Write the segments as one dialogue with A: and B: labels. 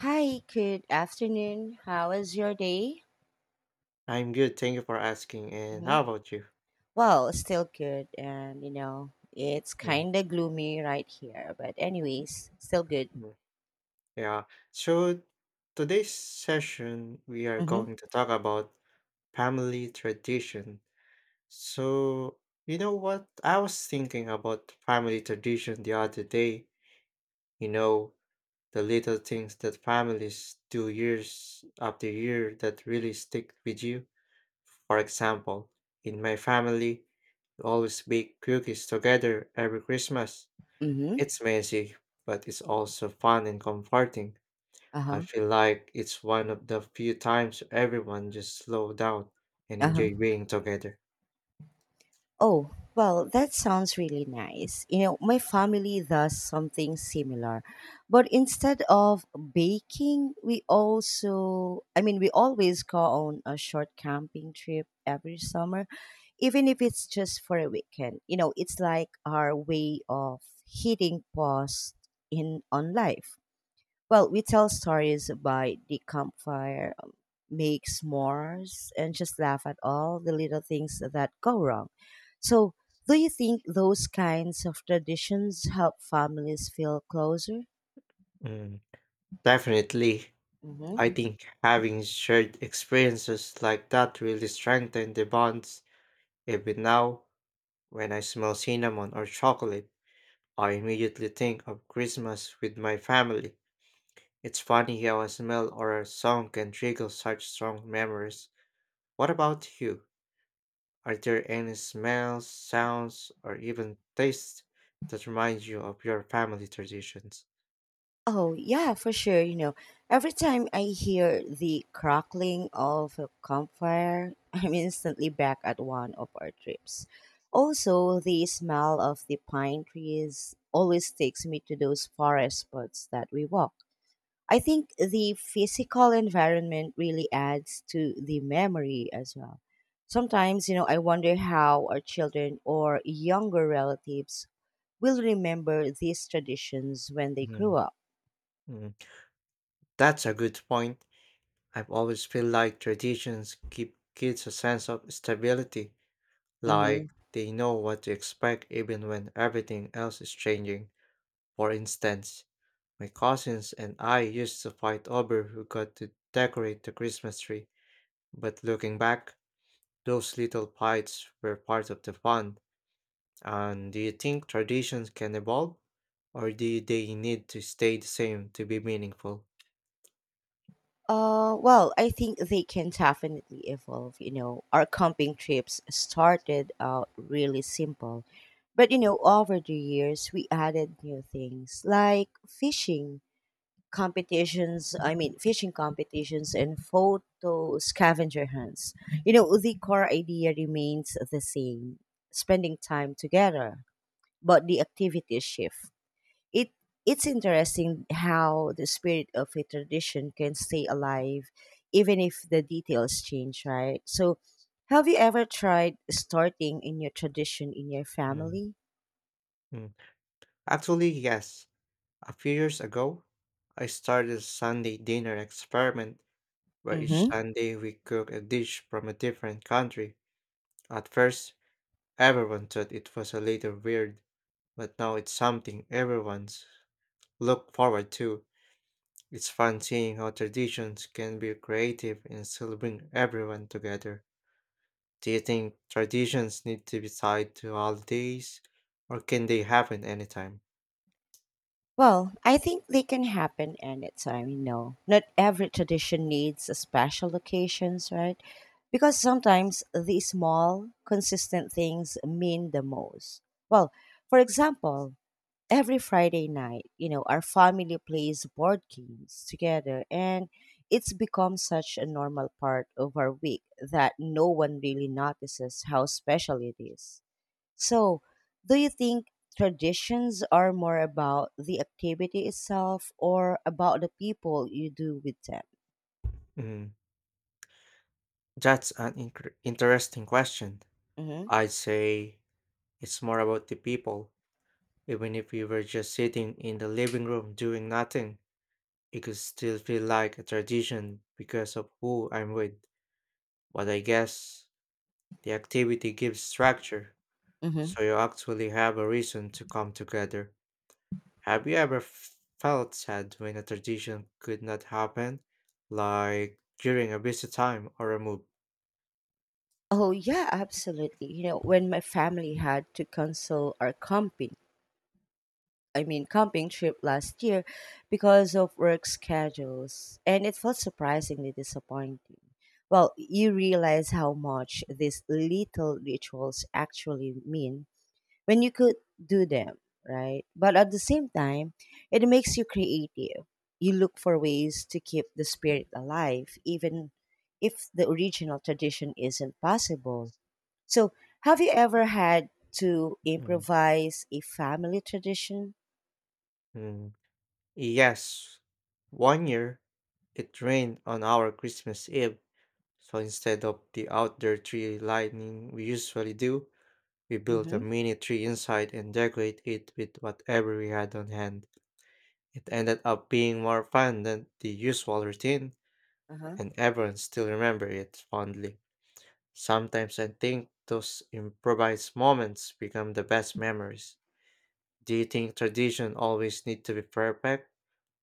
A: Hi, good afternoon. How was your day?
B: I'm good. Thank you for asking. And
A: hmm
B: how about you?
A: Well, still good, and you know, it's
B: Mm,
A: kind of gloomy right here, but anyways, still good.
B: mm. Yeah. So today's session, we are
A: Mm-hmm.
B: going to talk about family tradition. So, you know what? I was thinking about family tradition the other day. You know, the little things that families do years after year that really stick with you. For example, in my family, we always bake cookies together every Christmas.
A: Mm-hmm.
B: It's messy, but it's also fun and comforting. I
A: Uh-huh.
B: feel like it's one of the few times everyone just slow down and
A: Uh-huh.
B: enjoy being together.
A: Oh, well, that sounds really nice. You know, my family does something similar. But instead of baking, we also, I mean, we always go on a short camping trip every summer, even if it's just for a weekend. You know, it's like our way of hitting pause in on life. Well, we tell stories by the campfire, make s'mores, and just laugh at all the little things that go wrong. So, do you think those kinds of traditions help families feel closer?
B: Mm, definitely. I
A: hmm
B: think having shared experiences like that really strengthen the bonds. Even now, when I smell cinnamon or chocolate, I immediately think of Christmas with my family. It's funny how a smell or a song can trigger such strong memories. What about you? Are there any smells, sounds, or even tastes that remind you of your family traditions?
A: Oh, yeah, for sure. You know, every time I hear the crackling of a campfire, I'm instantly back at one of our trips. Also, the smell of the pine trees always takes me to those forest spots that we walk. I think the physical environment really adds to the memory as well. Sometimes, you know, I wonder how our children or younger relatives will remember these traditions when they grow
B: Mm,
A: up.
B: mm. That's a good point. I've always feel like traditions give kids a sense of stability. Like
A: Mm-hmm.
B: they know what to expect even when everything else is changing. For instance, my cousins and I used to fight over who got to decorate the Christmas tree, but looking back, those little fights were part of the fun. And do you think traditions can evolve? Or do they need to stay the same to be meaningful?
A: Well, I think they can definitely evolve. You know, our camping trips started out really simple, but you know, over the years we added new things like fishing competitions and photo scavenger hunts. You know, the core idea remains the same: spending time together, but the activities shift. it it's interesting how the spirit of a tradition can stay alive even if the details change, right? So have you ever tried starting a new tradition in your
B: Mm,
A: family?
B: mm. Actually, yes. A few years ago, I started a Sunday dinner experiment where each
A: Mm-hmm.
B: Sunday we cooked a dish from a different country. At first, everyone thought it was a little weird, but now it's something everyone's look forward to. It's fun seeing how traditions can be creative and still bring everyone together. Do you think traditions need to be tied to holidays, or can they happen anytime?
A: Well, I think they can happen anytime, you know. Not every tradition needs a special occasions, right? Because sometimes the small, consistent things mean the most. Well, for example, every Friday night, you know, our family plays board games together and it's become such a normal part of our week that no one really notices how special it is. So, do you think traditions are more about the activity itself or about the people you do with
B: Mm, that's an interesting question.
A: them?
B: I'd say it's more about the people. Even if we were just sitting in the living room doing nothing, it could still feel like a tradition because of who I'm with. But I guess the activity gives structure,
A: hmm hmm
B: so you actually have a reason to come together. Have you ever felt sad when a tradition could not happen, like during a busy time or a move?
A: Oh, yeah, absolutely. You know, when my family had to cancel our camping I mean camping trip last year because of work schedules, and it felt surprisingly disappointing. Well, you realize how much these little rituals actually mean when you could do them, right? But at the same time, it makes you creative. You look for ways to keep the spirit alive even if the original tradition isn't possible. So, have you ever had to
B: Mm,
A: improvise a family tradition?
B: mm. Yes. One year, it rained on our Christmas Eve. So instead of the outdoor tree lighting we usually do, we built a
A: Mm-hmm.
B: mini tree inside and decorate it with whatever we had on hand. It ended up being more fun than the usual routine,
A: Uh-huh.
B: and everyone still remember it fondly. Sometimes I think those improvised moments become the best memories. Do you think tradition always need to be perfect,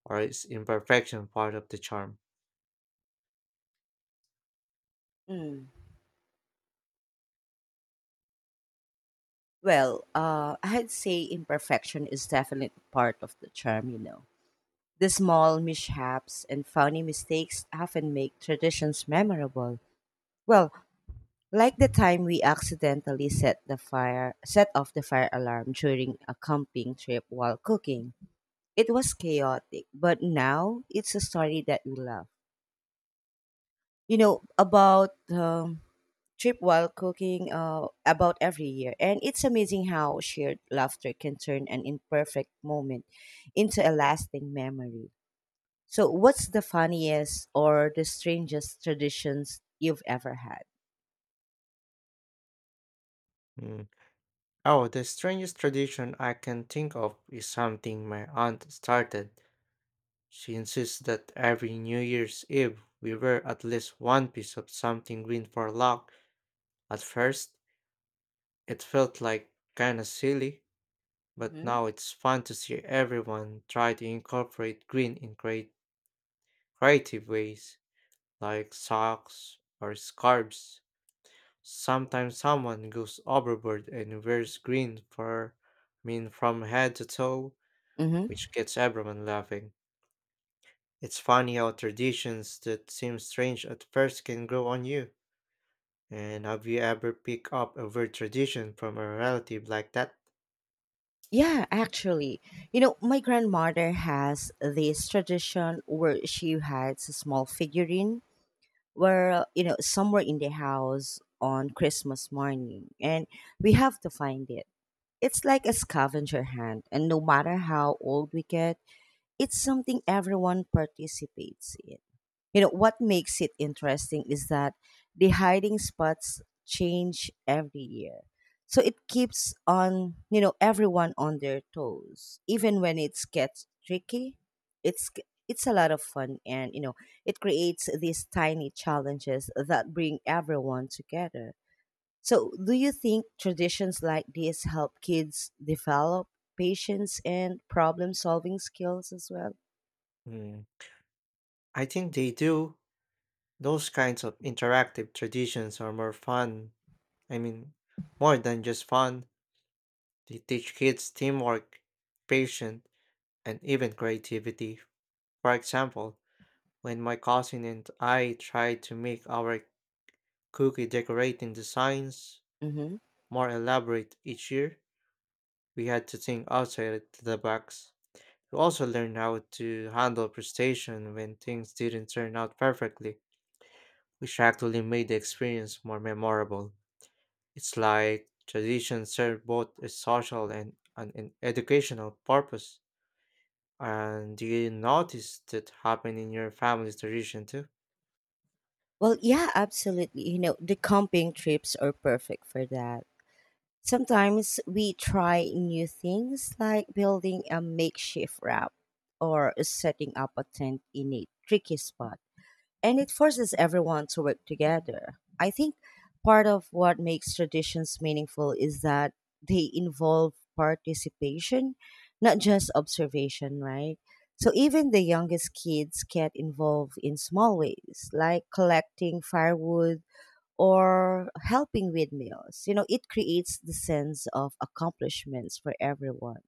B: or is imperfection part of the charm?
A: Mm. Well, I'd say imperfection is definitely part of the charm, you know. The small mishaps and funny mistakes often make traditions memorable. Well, like the time we accidentally set off the fire alarm during a camping trip while cooking. It was chaotic, but now it's a story that we love. You know about trip while cooking about every year. And it's amazing how shared laughter can turn an imperfect moment into a lasting memory. So, what's the funniest or the strangest traditions you've ever had?
B: Hmm. Oh, the strangest tradition I can think of is something my aunt started. She insists that every New Year's Eve we wear at least one piece of something green for luck. At first, it felt like kinda silly, but
A: hmm
B: now it's fun to see everyone try to incorporate green in great creative ways, like socks or scarves. Sometimes someone goes overboard and wears green for, I mean, from head to toe,
A: hmm
B: which gets everyone laughing. It's funny how traditions that seem strange at first can grow on you. And have you ever picked up a weird tradition from a relative like that?
A: Yeah, actually, you know, my grandmother has this tradition where she hides a small figurine where, you know, somewhere in the house on Christmas morning, and we have to find it. It's like a scavenger hunt, and no matter how old we get, it's something everyone participates in. You know, what makes it interesting is that the hiding spots change every year. So it keeps on, you know, everyone on their toes. Even when it gets tricky, it's it's a lot of fun, and you know, it creates these tiny challenges that bring everyone together. So, do you think traditions like these help kids develop patience and problem solving skills as well?
B: Hmm. I think they do. Those kinds of interactive traditions are more fun. I mean, more than just fun. They teach kids teamwork, patience, and even creativity. For example, when my cousin and I tried to make our cookie decorating designs
A: Mm-hmm.
B: more elaborate each year, we had to think outside the box. We also learned how to handle frustration when things didn't turn out perfectly, which actually made the experience more memorable. It's like tradition served both a social and an educational purpose. And do you notice that happen in your family's tradition too?
A: Well, yeah, absolutely. You know, the camping trips are perfect for that. Sometimes we try new things like building a makeshift raft or setting up a tent in a tricky spot, and it forces everyone to work together. I think part of what makes traditions meaningful is that they involve participation, not just observation, right? So even the youngest kids get involved in small ways, like collecting firewood or helping with meals. You know, it creates the sense of accomplishments for everyone.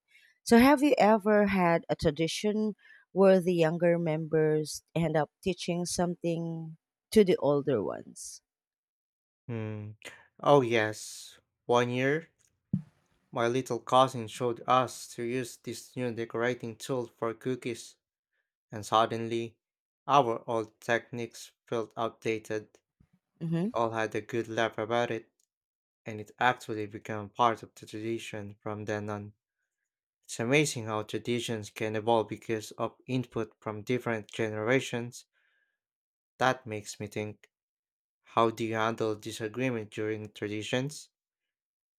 A: So, have you ever had a tradition where the younger members end up teaching something to the older ones?
B: Hmm. Oh yes. One year, my little cousin showed us to use this new decorating tool for cookies. And suddenly, our old techniques felt outdated. We
A: hmm
B: all had a good laugh about it, and it actually became part of the tradition from then on. It's amazing how traditions can evolve because of input from different generations. That makes me think, how do you handle disagreement during traditions?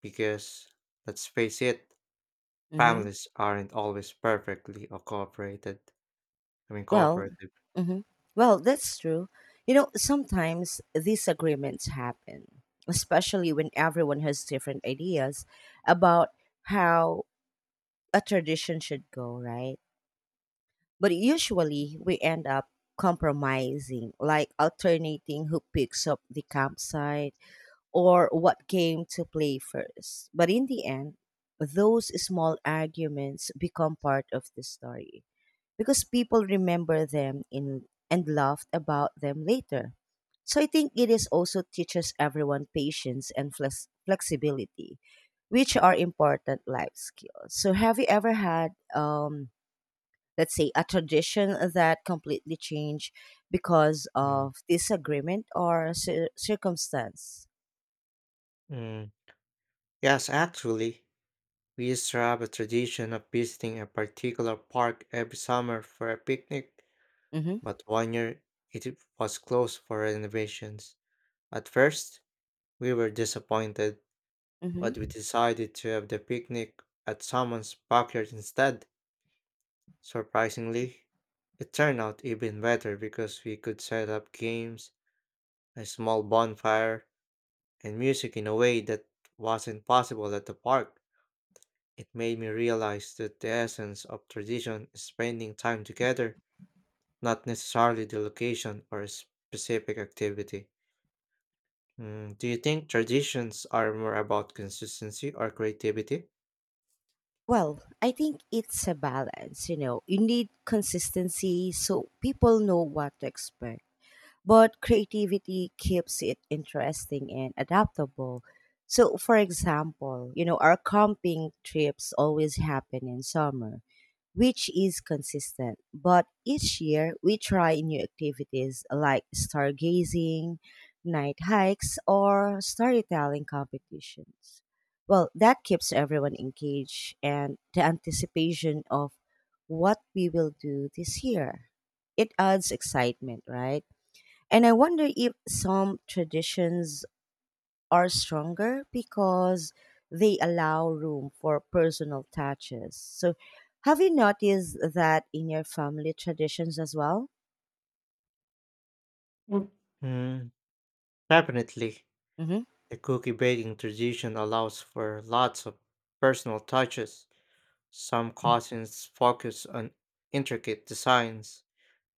B: Because, let's face it,
A: Mm-hmm.
B: families aren't always perfectly or cooperated. I mean,
A: Well,
B: cooperative.
A: hmm well, that's true. You know, sometimes disagreements happen, especially when everyone has different ideas about how a tradition should go, right? But usually we end up compromising, like alternating who picks up the campsite or what game to play first. But in the end, those small arguments become part of the story because people remember them in and laughed about them later. So I think it is also teaches everyone patience and flexibility, which are important life skills. So have you ever had let's say a tradition that completely changed because
B: Mm.
A: of disagreement or circumstance?
B: Mm. Yes, actually. We used to have a tradition of visiting a particular park every summer for a picnic,
A: Mm-hmm.
B: but one year it was closed for renovations. At first, we were disappointed,
A: hmm
B: but we decided to have the picnic at someone's backyard instead. Surprisingly, it turned out even better because we could set up games, a small bonfire, and music in a way that wasn't possible at the park. It made me realize that the essence of tradition is spending time together, not necessarily the location or a specific activity. Mm, do you think traditions are more about consistency or creativity?
A: Well, I think it's a balance, you know. You need consistency so people know what to expect, but creativity keeps it interesting and adaptable. So, for example, you know, our camping trips always happen in summer, which is consistent. But each year, we try new activities like stargazing, night hikes, or storytelling competitions. Well, that keeps everyone engaged and the anticipation of what we will do this year. It adds excitement, right? And I wonder if some traditions are stronger because they allow room for personal touches. So, have you noticed that in your family traditions as well?
B: Mm. Mm, definitely.
A: hmm
B: The cookie baking tradition allows for lots of personal touches. Some cousins focus on intricate designs,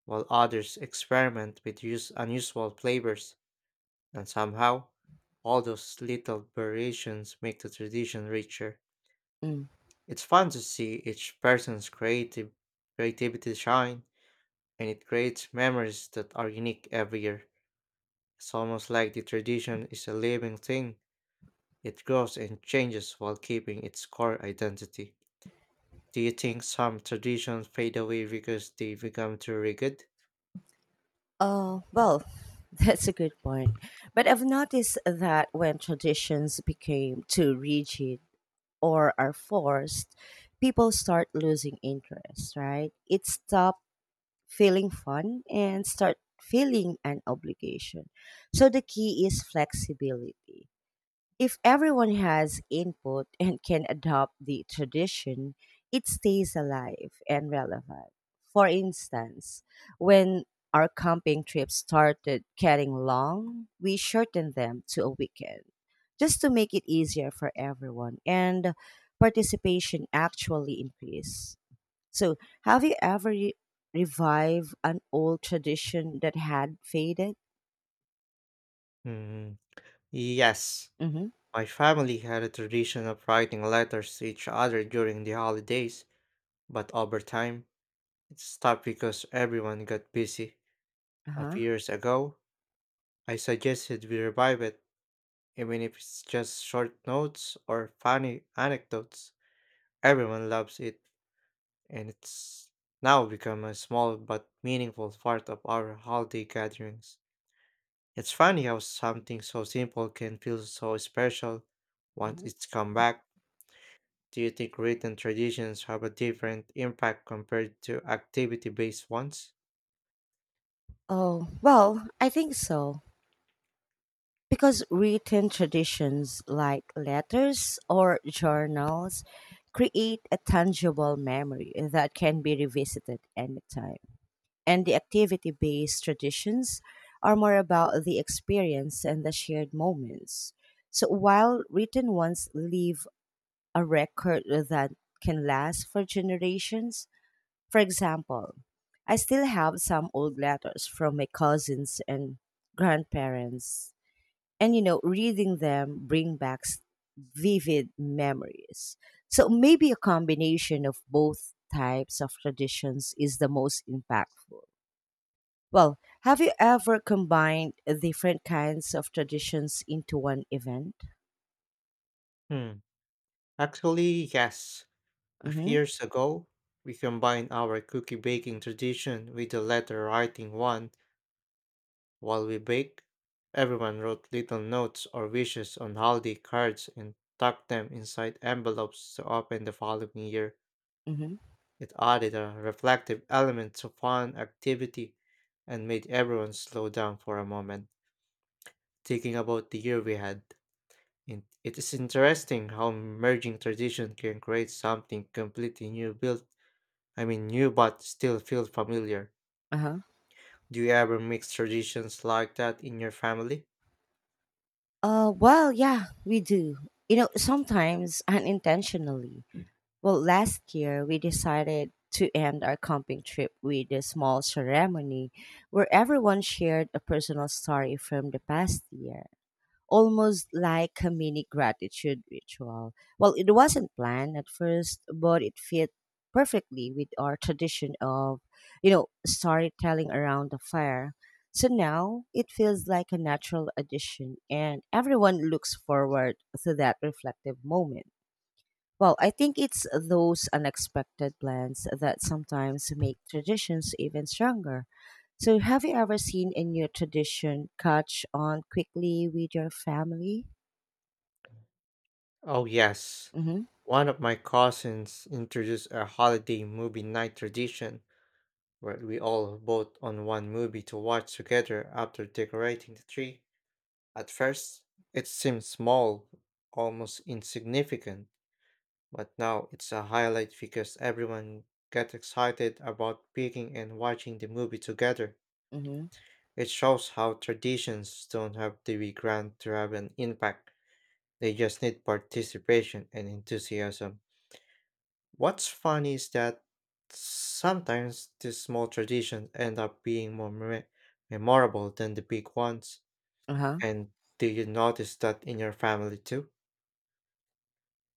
B: while others experiment with use unusual flavors, and somehow, all those little variations make the tradition richer.
A: Mm.
B: It's fun to see each person's creative creativity shine, and it creates memories that are unique every year. It's almost like the tradition is a living thing. It grows and changes while keeping its core identity. Do you think some traditions fade away because they become too rigid?
A: Oh, well, that's a good point. But I've noticed that when traditions became too rigid or are forced, people start losing interest, right? It stops feeling fun and start feeling an obligation. So the key is flexibility. If everyone has input and can adopt the tradition, it stays alive and relevant. For instance, when our camping trips started getting long, we shortened them to a weekend just to make it easier for everyone, and participation actually increased. So, have you ever revived an old tradition that had faded?
B: Hmm, yes.
A: Mm-hmm.
B: My family had a tradition of writing letters to each other during the holidays, but over time, it stopped because everyone got busy. A
A: Uh-huh.
B: few years ago, I suggested we revive it, even if it's just short notes or funny anecdotes. Everyone loves it, and it's now become a small but meaningful part of our holiday gatherings. It's funny how something so simple can feel so special once
A: hmm
B: it's come back. Do you think written traditions have a different impact compared to activity based ones?
A: Oh, well, I think so. Because written traditions like letters or journals create a tangible memory that can be revisited anytime. And the activity based traditions are more about the experience and the shared moments. So while written ones leave a record that can last for generations. For example, I still have some old letters from my cousins and grandparents. And you know, reading them bring back vivid memories. So maybe a combination of both types of traditions is the most impactful. Well, have you ever combined different kinds of traditions into one event?
B: Hmm. Actually, yes. A few
A: Mm-hmm.
B: years ago, we combined our cookie baking tradition with the letter writing one while we bake. Everyone wrote little notes or wishes on holiday cards and tucked them inside envelopes to open the following year.
A: Mm-hmm.
B: It added a reflective element to fun activity and made everyone slow down for a moment, thinking about the year we had. It is interesting how merging tradition can create something completely new I mean new but still feel familiar.
A: Uh-huh.
B: Do you ever mix traditions like that in your family?
A: Well, yeah, we do. You know, sometimes unintentionally. Well, last year we decided to end our camping trip with a small ceremony where everyone shared a personal story from the past year, almost like a mini gratitude ritual. Well, it wasn't planned at first, but it fit perfectly with our tradition of, you know, storytelling around the fire. So now it feels like a natural addition, and everyone looks forward to that reflective moment. Well, I think it's those unexpected plans that sometimes make traditions even stronger. So, have you ever seen a new tradition catch on quickly with your family?
B: Oh yes.
A: Mm-hmm.
B: One of my cousins introduced a holiday movie night tradition where we all vote on one movie to watch together after decorating the tree. At first, it seemed small, almost insignificant. But now it's a highlight because everyone gets excited about picking and watching the movie together.
A: Mm-hmm.
B: It shows how traditions don't have to be grand to have an impact. They just need participation and enthusiasm. What's funny is that sometimes these small traditions end up being more memorable than the big ones.
A: Uh-huh.
B: And do you notice that in your family too?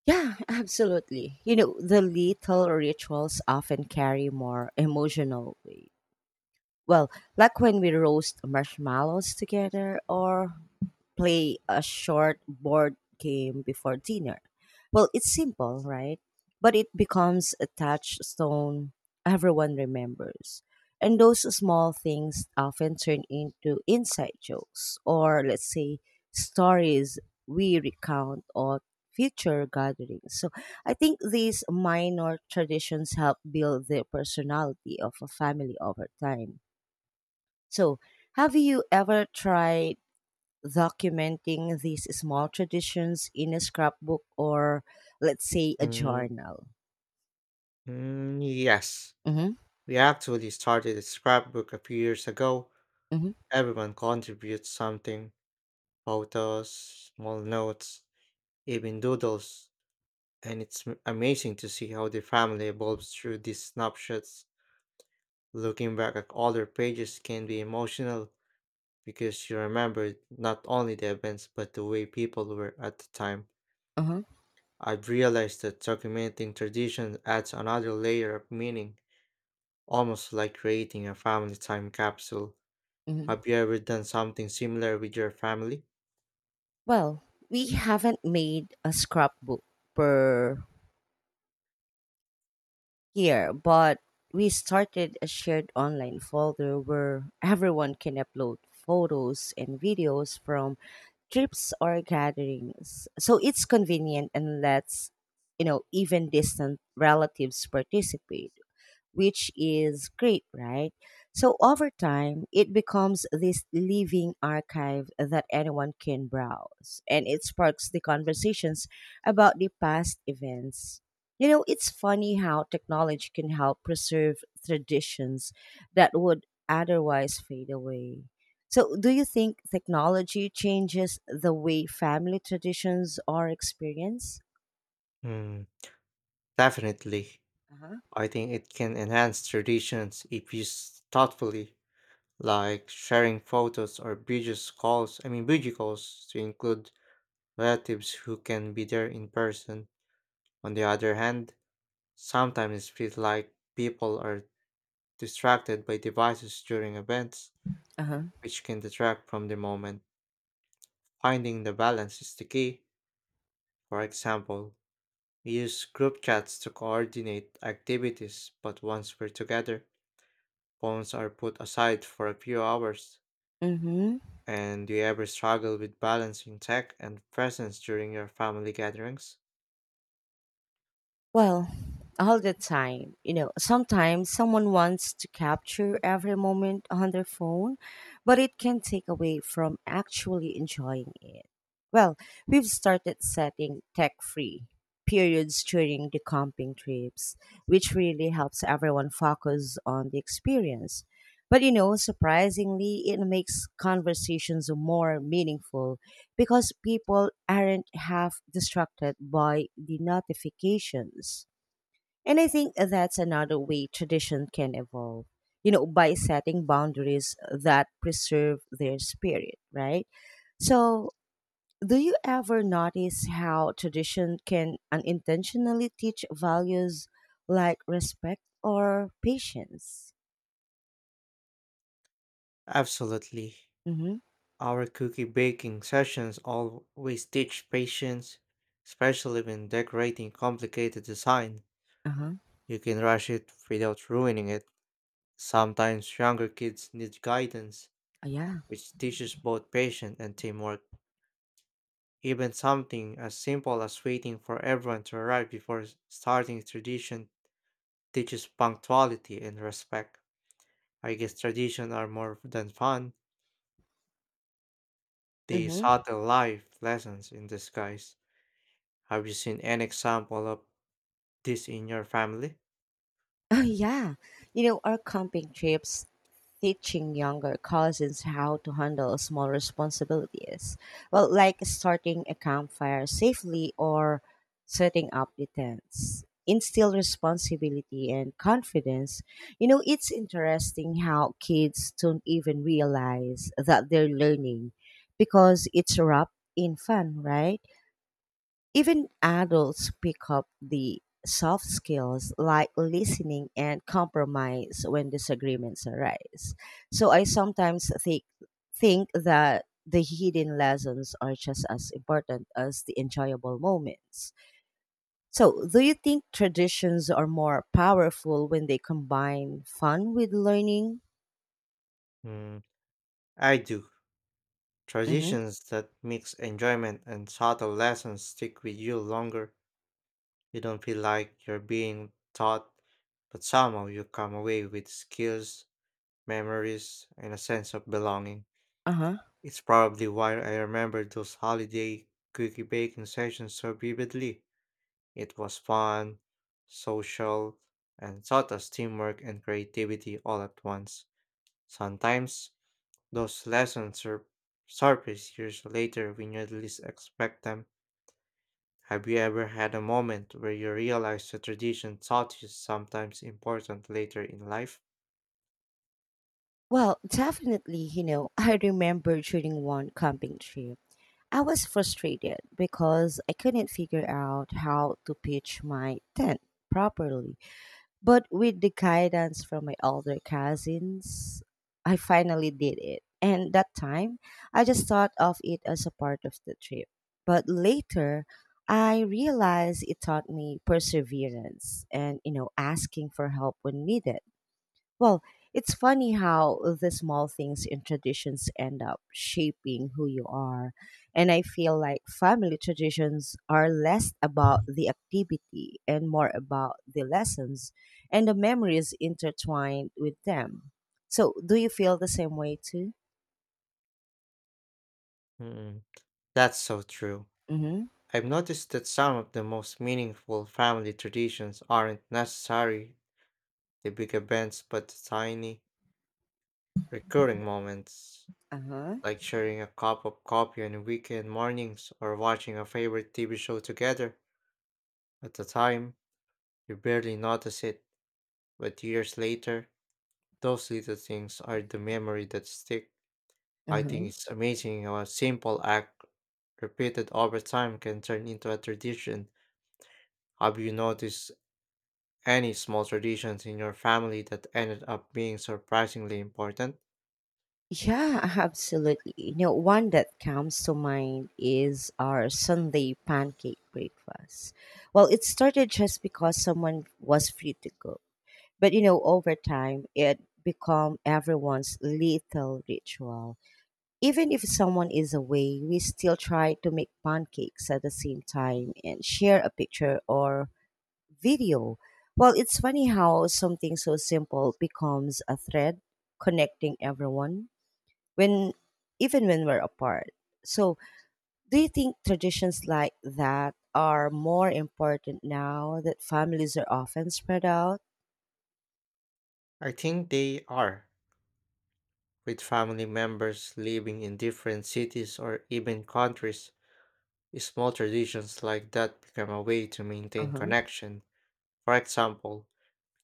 A: Yeah, absolutely. You know, the little rituals often carry more emotional weight. Well, like when we roast marshmallows together or play a short board game before dinner. Well, it's simple, right? But it becomes a touchstone everyone remembers. And those small things often turn into inside jokes or, let's say, stories we recount on future gatherings. So I think these minor traditions help build the personality of a family over time. So, have you ever tried documenting these small traditions in a scrapbook or, let's say, a
B: Mm,
A: journal?
B: mm, yes.
A: Mm-hmm,
B: We actually started a scrapbook a few years ago.
A: mm-hmm,
B: Everyone contributes something: photos, small notes, even doodles. And it's amazing to see how the family evolves through these snapshots. Looking back at older pages can be emotional because you remember not only the events but the way people were at the time.
A: uh-huh,
B: I've realized that documenting tradition adds another layer of meaning, almost like creating a family time capsule.
A: mm-hmm.
B: Have you ever done something similar with your family?
A: Well, we haven't made a scrapbook per year, but we started a shared online folder where everyone can upload photos and videos from trips or gatherings. So it's convenient and lets, you know, even distant relatives participate, which is great, right? So over time, it becomes this living archive that anyone can browse, and it sparks the conversations about the past events. You know, it's funny how technology can help preserve traditions that would otherwise fade away. So, do you think technology changes the way family traditions are experienced?
B: Hmm. Definitely.
A: Uh huh.
B: I think it can enhance traditions if used thoughtfully, like sharing photos or I mean video calls to include relatives who can be there in person. On the other hand, sometimes it feels like people are distracted by devices during events,
A: Uh huh.
B: which can detract from the moment. Finding the balance is the key. For example, we use group chats to coordinate activities, but once we're together, phones are put aside for a few hours.
A: Mm hmm.
B: And do you ever struggle with balancing tech and presence during your family gatherings?
A: Well, all the time. You know, sometimes someone wants to capture every moment on their phone, but it can take away from actually enjoying it. Well, we've started setting tech free periods during the camping trips, which really helps everyone focus on the experience. But you know, surprisingly, it makes conversations more meaningful because people aren't half distracted by the notifications. And I think that's another way tradition can evolve, you know, by setting boundaries that preserve their spirit, right? So, do you ever notice how tradition can unintentionally teach values like respect or patience?
B: Absolutely.
A: Mm-hmm.
B: Our cookie baking sessions always teach patience, especially when decorating complicated design.
A: Uh huh.
B: You can rush it without ruining it. Sometimes younger kids need guidance,
A: Yeah.
B: which teaches both patience and teamwork. Even something as simple as waiting for everyone to arrive before starting a tradition teaches punctuality and respect. I guess traditions are more than fun, they
A: Mm-hmm.
B: subtle life lessons in disguise. Have you seen an example of this in your family?
A: Oh, yeah. You know, our camping trips teaching younger cousins how to handle small responsibilities. Well, like starting a campfire safely or setting up the tents. Instill responsibility and confidence. You know, it's interesting how kids don't even realize that they're learning because it's wrapped in fun, right? Even adults pick up the soft skills like listening and compromise when disagreements arise. So I sometimes think that the hidden lessons are just as important as the enjoyable moments. So, do you think traditions are more powerful when they combine fun with learning?
B: Hmm, I do.
A: Mm-hmm.
B: Traditions that mix enjoyment and subtle lessons stick with you longer. You don't feel like you're being taught, but somehow you come away with skills, memories, and a sense of belonging.
A: Uh huh.
B: It's probably why I remember those holiday cookie baking sessions so vividly. It was fun, social, and taught us teamwork and creativity all at once. Sometimes those lessons surface years later when you least expect them. Have you ever had a moment where you realized a tradition taught you sometimes important later in life?
A: Well, definitely, you know, I remember during one camping trip. I was frustrated because I couldn't figure out how to pitch my tent properly. But with the guidance from my older cousins, I finally did it. And that time, I just thought of it as a part of the trip. But later, I realized it taught me perseverance and, you know, asking for help when needed. Well, it's funny how the small things in traditions end up shaping who you are. And I feel like family traditions are less about the activity and more about the lessons and the memories intertwined with them. So, do you feel the same way too?
B: Mm, that's so true.
A: Mm-hmm.
B: I've noticed that some of the most meaningful family traditions aren't necessarily the big events but the tiny, recurring moments,
A: Uh huh.
B: like sharing a cup of coffee on weekend mornings or watching a favorite TV show together. At the time, you barely notice it, but years later, those little things are the memory that stick.
A: Uh
B: I think
A: huh.
B: it's amazing how a simple act repeated over time can turn into a tradition. Have you noticed any small traditions in your family that ended up being surprisingly important?
A: Yeah, absolutely. You know, one that comes to mind is our Sunday pancake breakfast. Well, it started just because someone was free to cook. But you know, over time it become everyone's little ritual. Even if someone is away, we still try to make pancakes at the same time and share a picture or video. Well, it's funny how something so simple becomes a thread connecting everyone when even when we're apart. So, do you think traditions like that are more important now that families are often spread out?
B: I think they are. With family members living in different cities or even countries, small traditions like that become a way to maintain
A: Uh-huh.
B: connection. For example,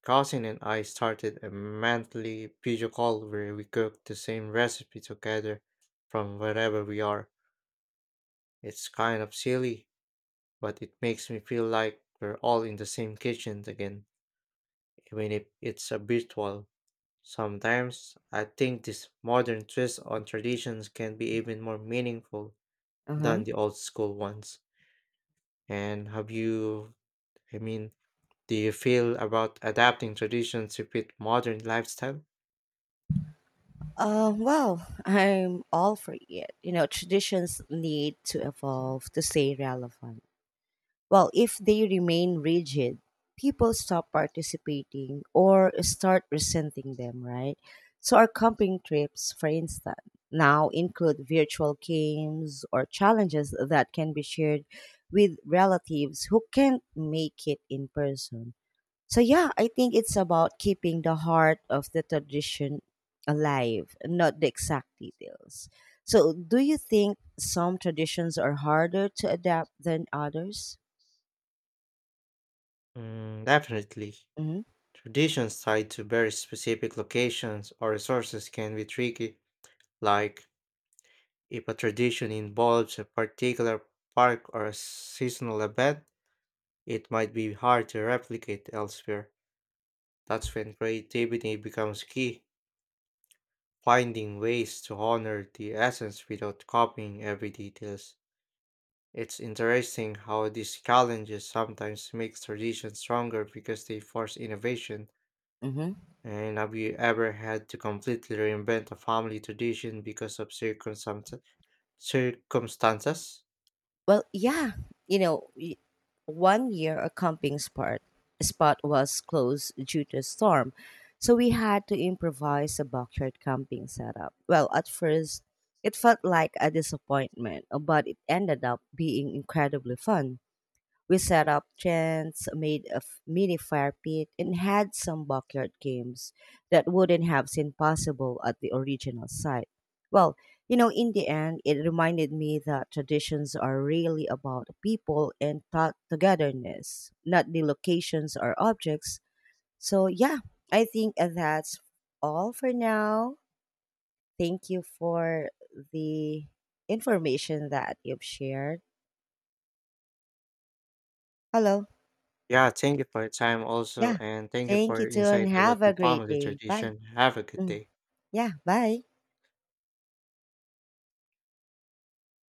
B: cousin and I started a monthly video call where we cook the same recipe together from wherever we are. It's kind of silly, but it makes me feel like we're all in the same kitchen again, even if it's a virtual. Sometimes I think this modern twist on traditions can be even more meaningful than
A: Uh-huh.
B: the old school ones. And I mean, do you feel about adapting traditions to fit modern lifestyle?
A: Well, I'm all for it. You know, traditions need to evolve to stay relevant. Well, if they remain rigid, people stop participating or start resenting them, right? So, our camping trips, for instance, now include virtual games or challenges that can be shared with relatives who can't make it in person. So, yeah, I think it's about keeping the heart of the tradition alive, not the exact details. So, do you think some traditions are harder to adapt than others?
B: Mm, definitely.
A: Hmm.
B: Traditions tied to very specific locations or resources can be tricky, like if a tradition involves a particular park or a seasonal event, it might be hard to replicate elsewhere. That's when creativity becomes key, finding ways to honor the essence without copying every details. It's interesting how these challenges sometimes make traditions stronger because they force innovation.
A: Hmm.
B: And have you ever had to completely reinvent a family tradition because of circumstances? Circumstances?
A: Well, yeah, you know, one year a camping spot was closed due to a storm, so we had to improvise a backyard camping setup. Well, at first, it felt like a disappointment, but it ended up being incredibly fun. We set up tents, made a mini fire pit, and had some backyard games that wouldn't have seemed possible at the original site. Well, you know, in the end, it reminded me that traditions are really about people and thought togetherness, not the locations or objects. So, yeah, I think that's all for now. Thank you for the information that you've shared. Hello.
B: Yeah, thank you for your time also,
A: Yeah.
B: and thank you for
A: Thank you
B: your
A: too and
B: insight about
A: have
B: the
A: a great
B: family
A: day. Bye.
B: tradition. Have a good
A: Mm.
B: day.
A: Yeah, bye.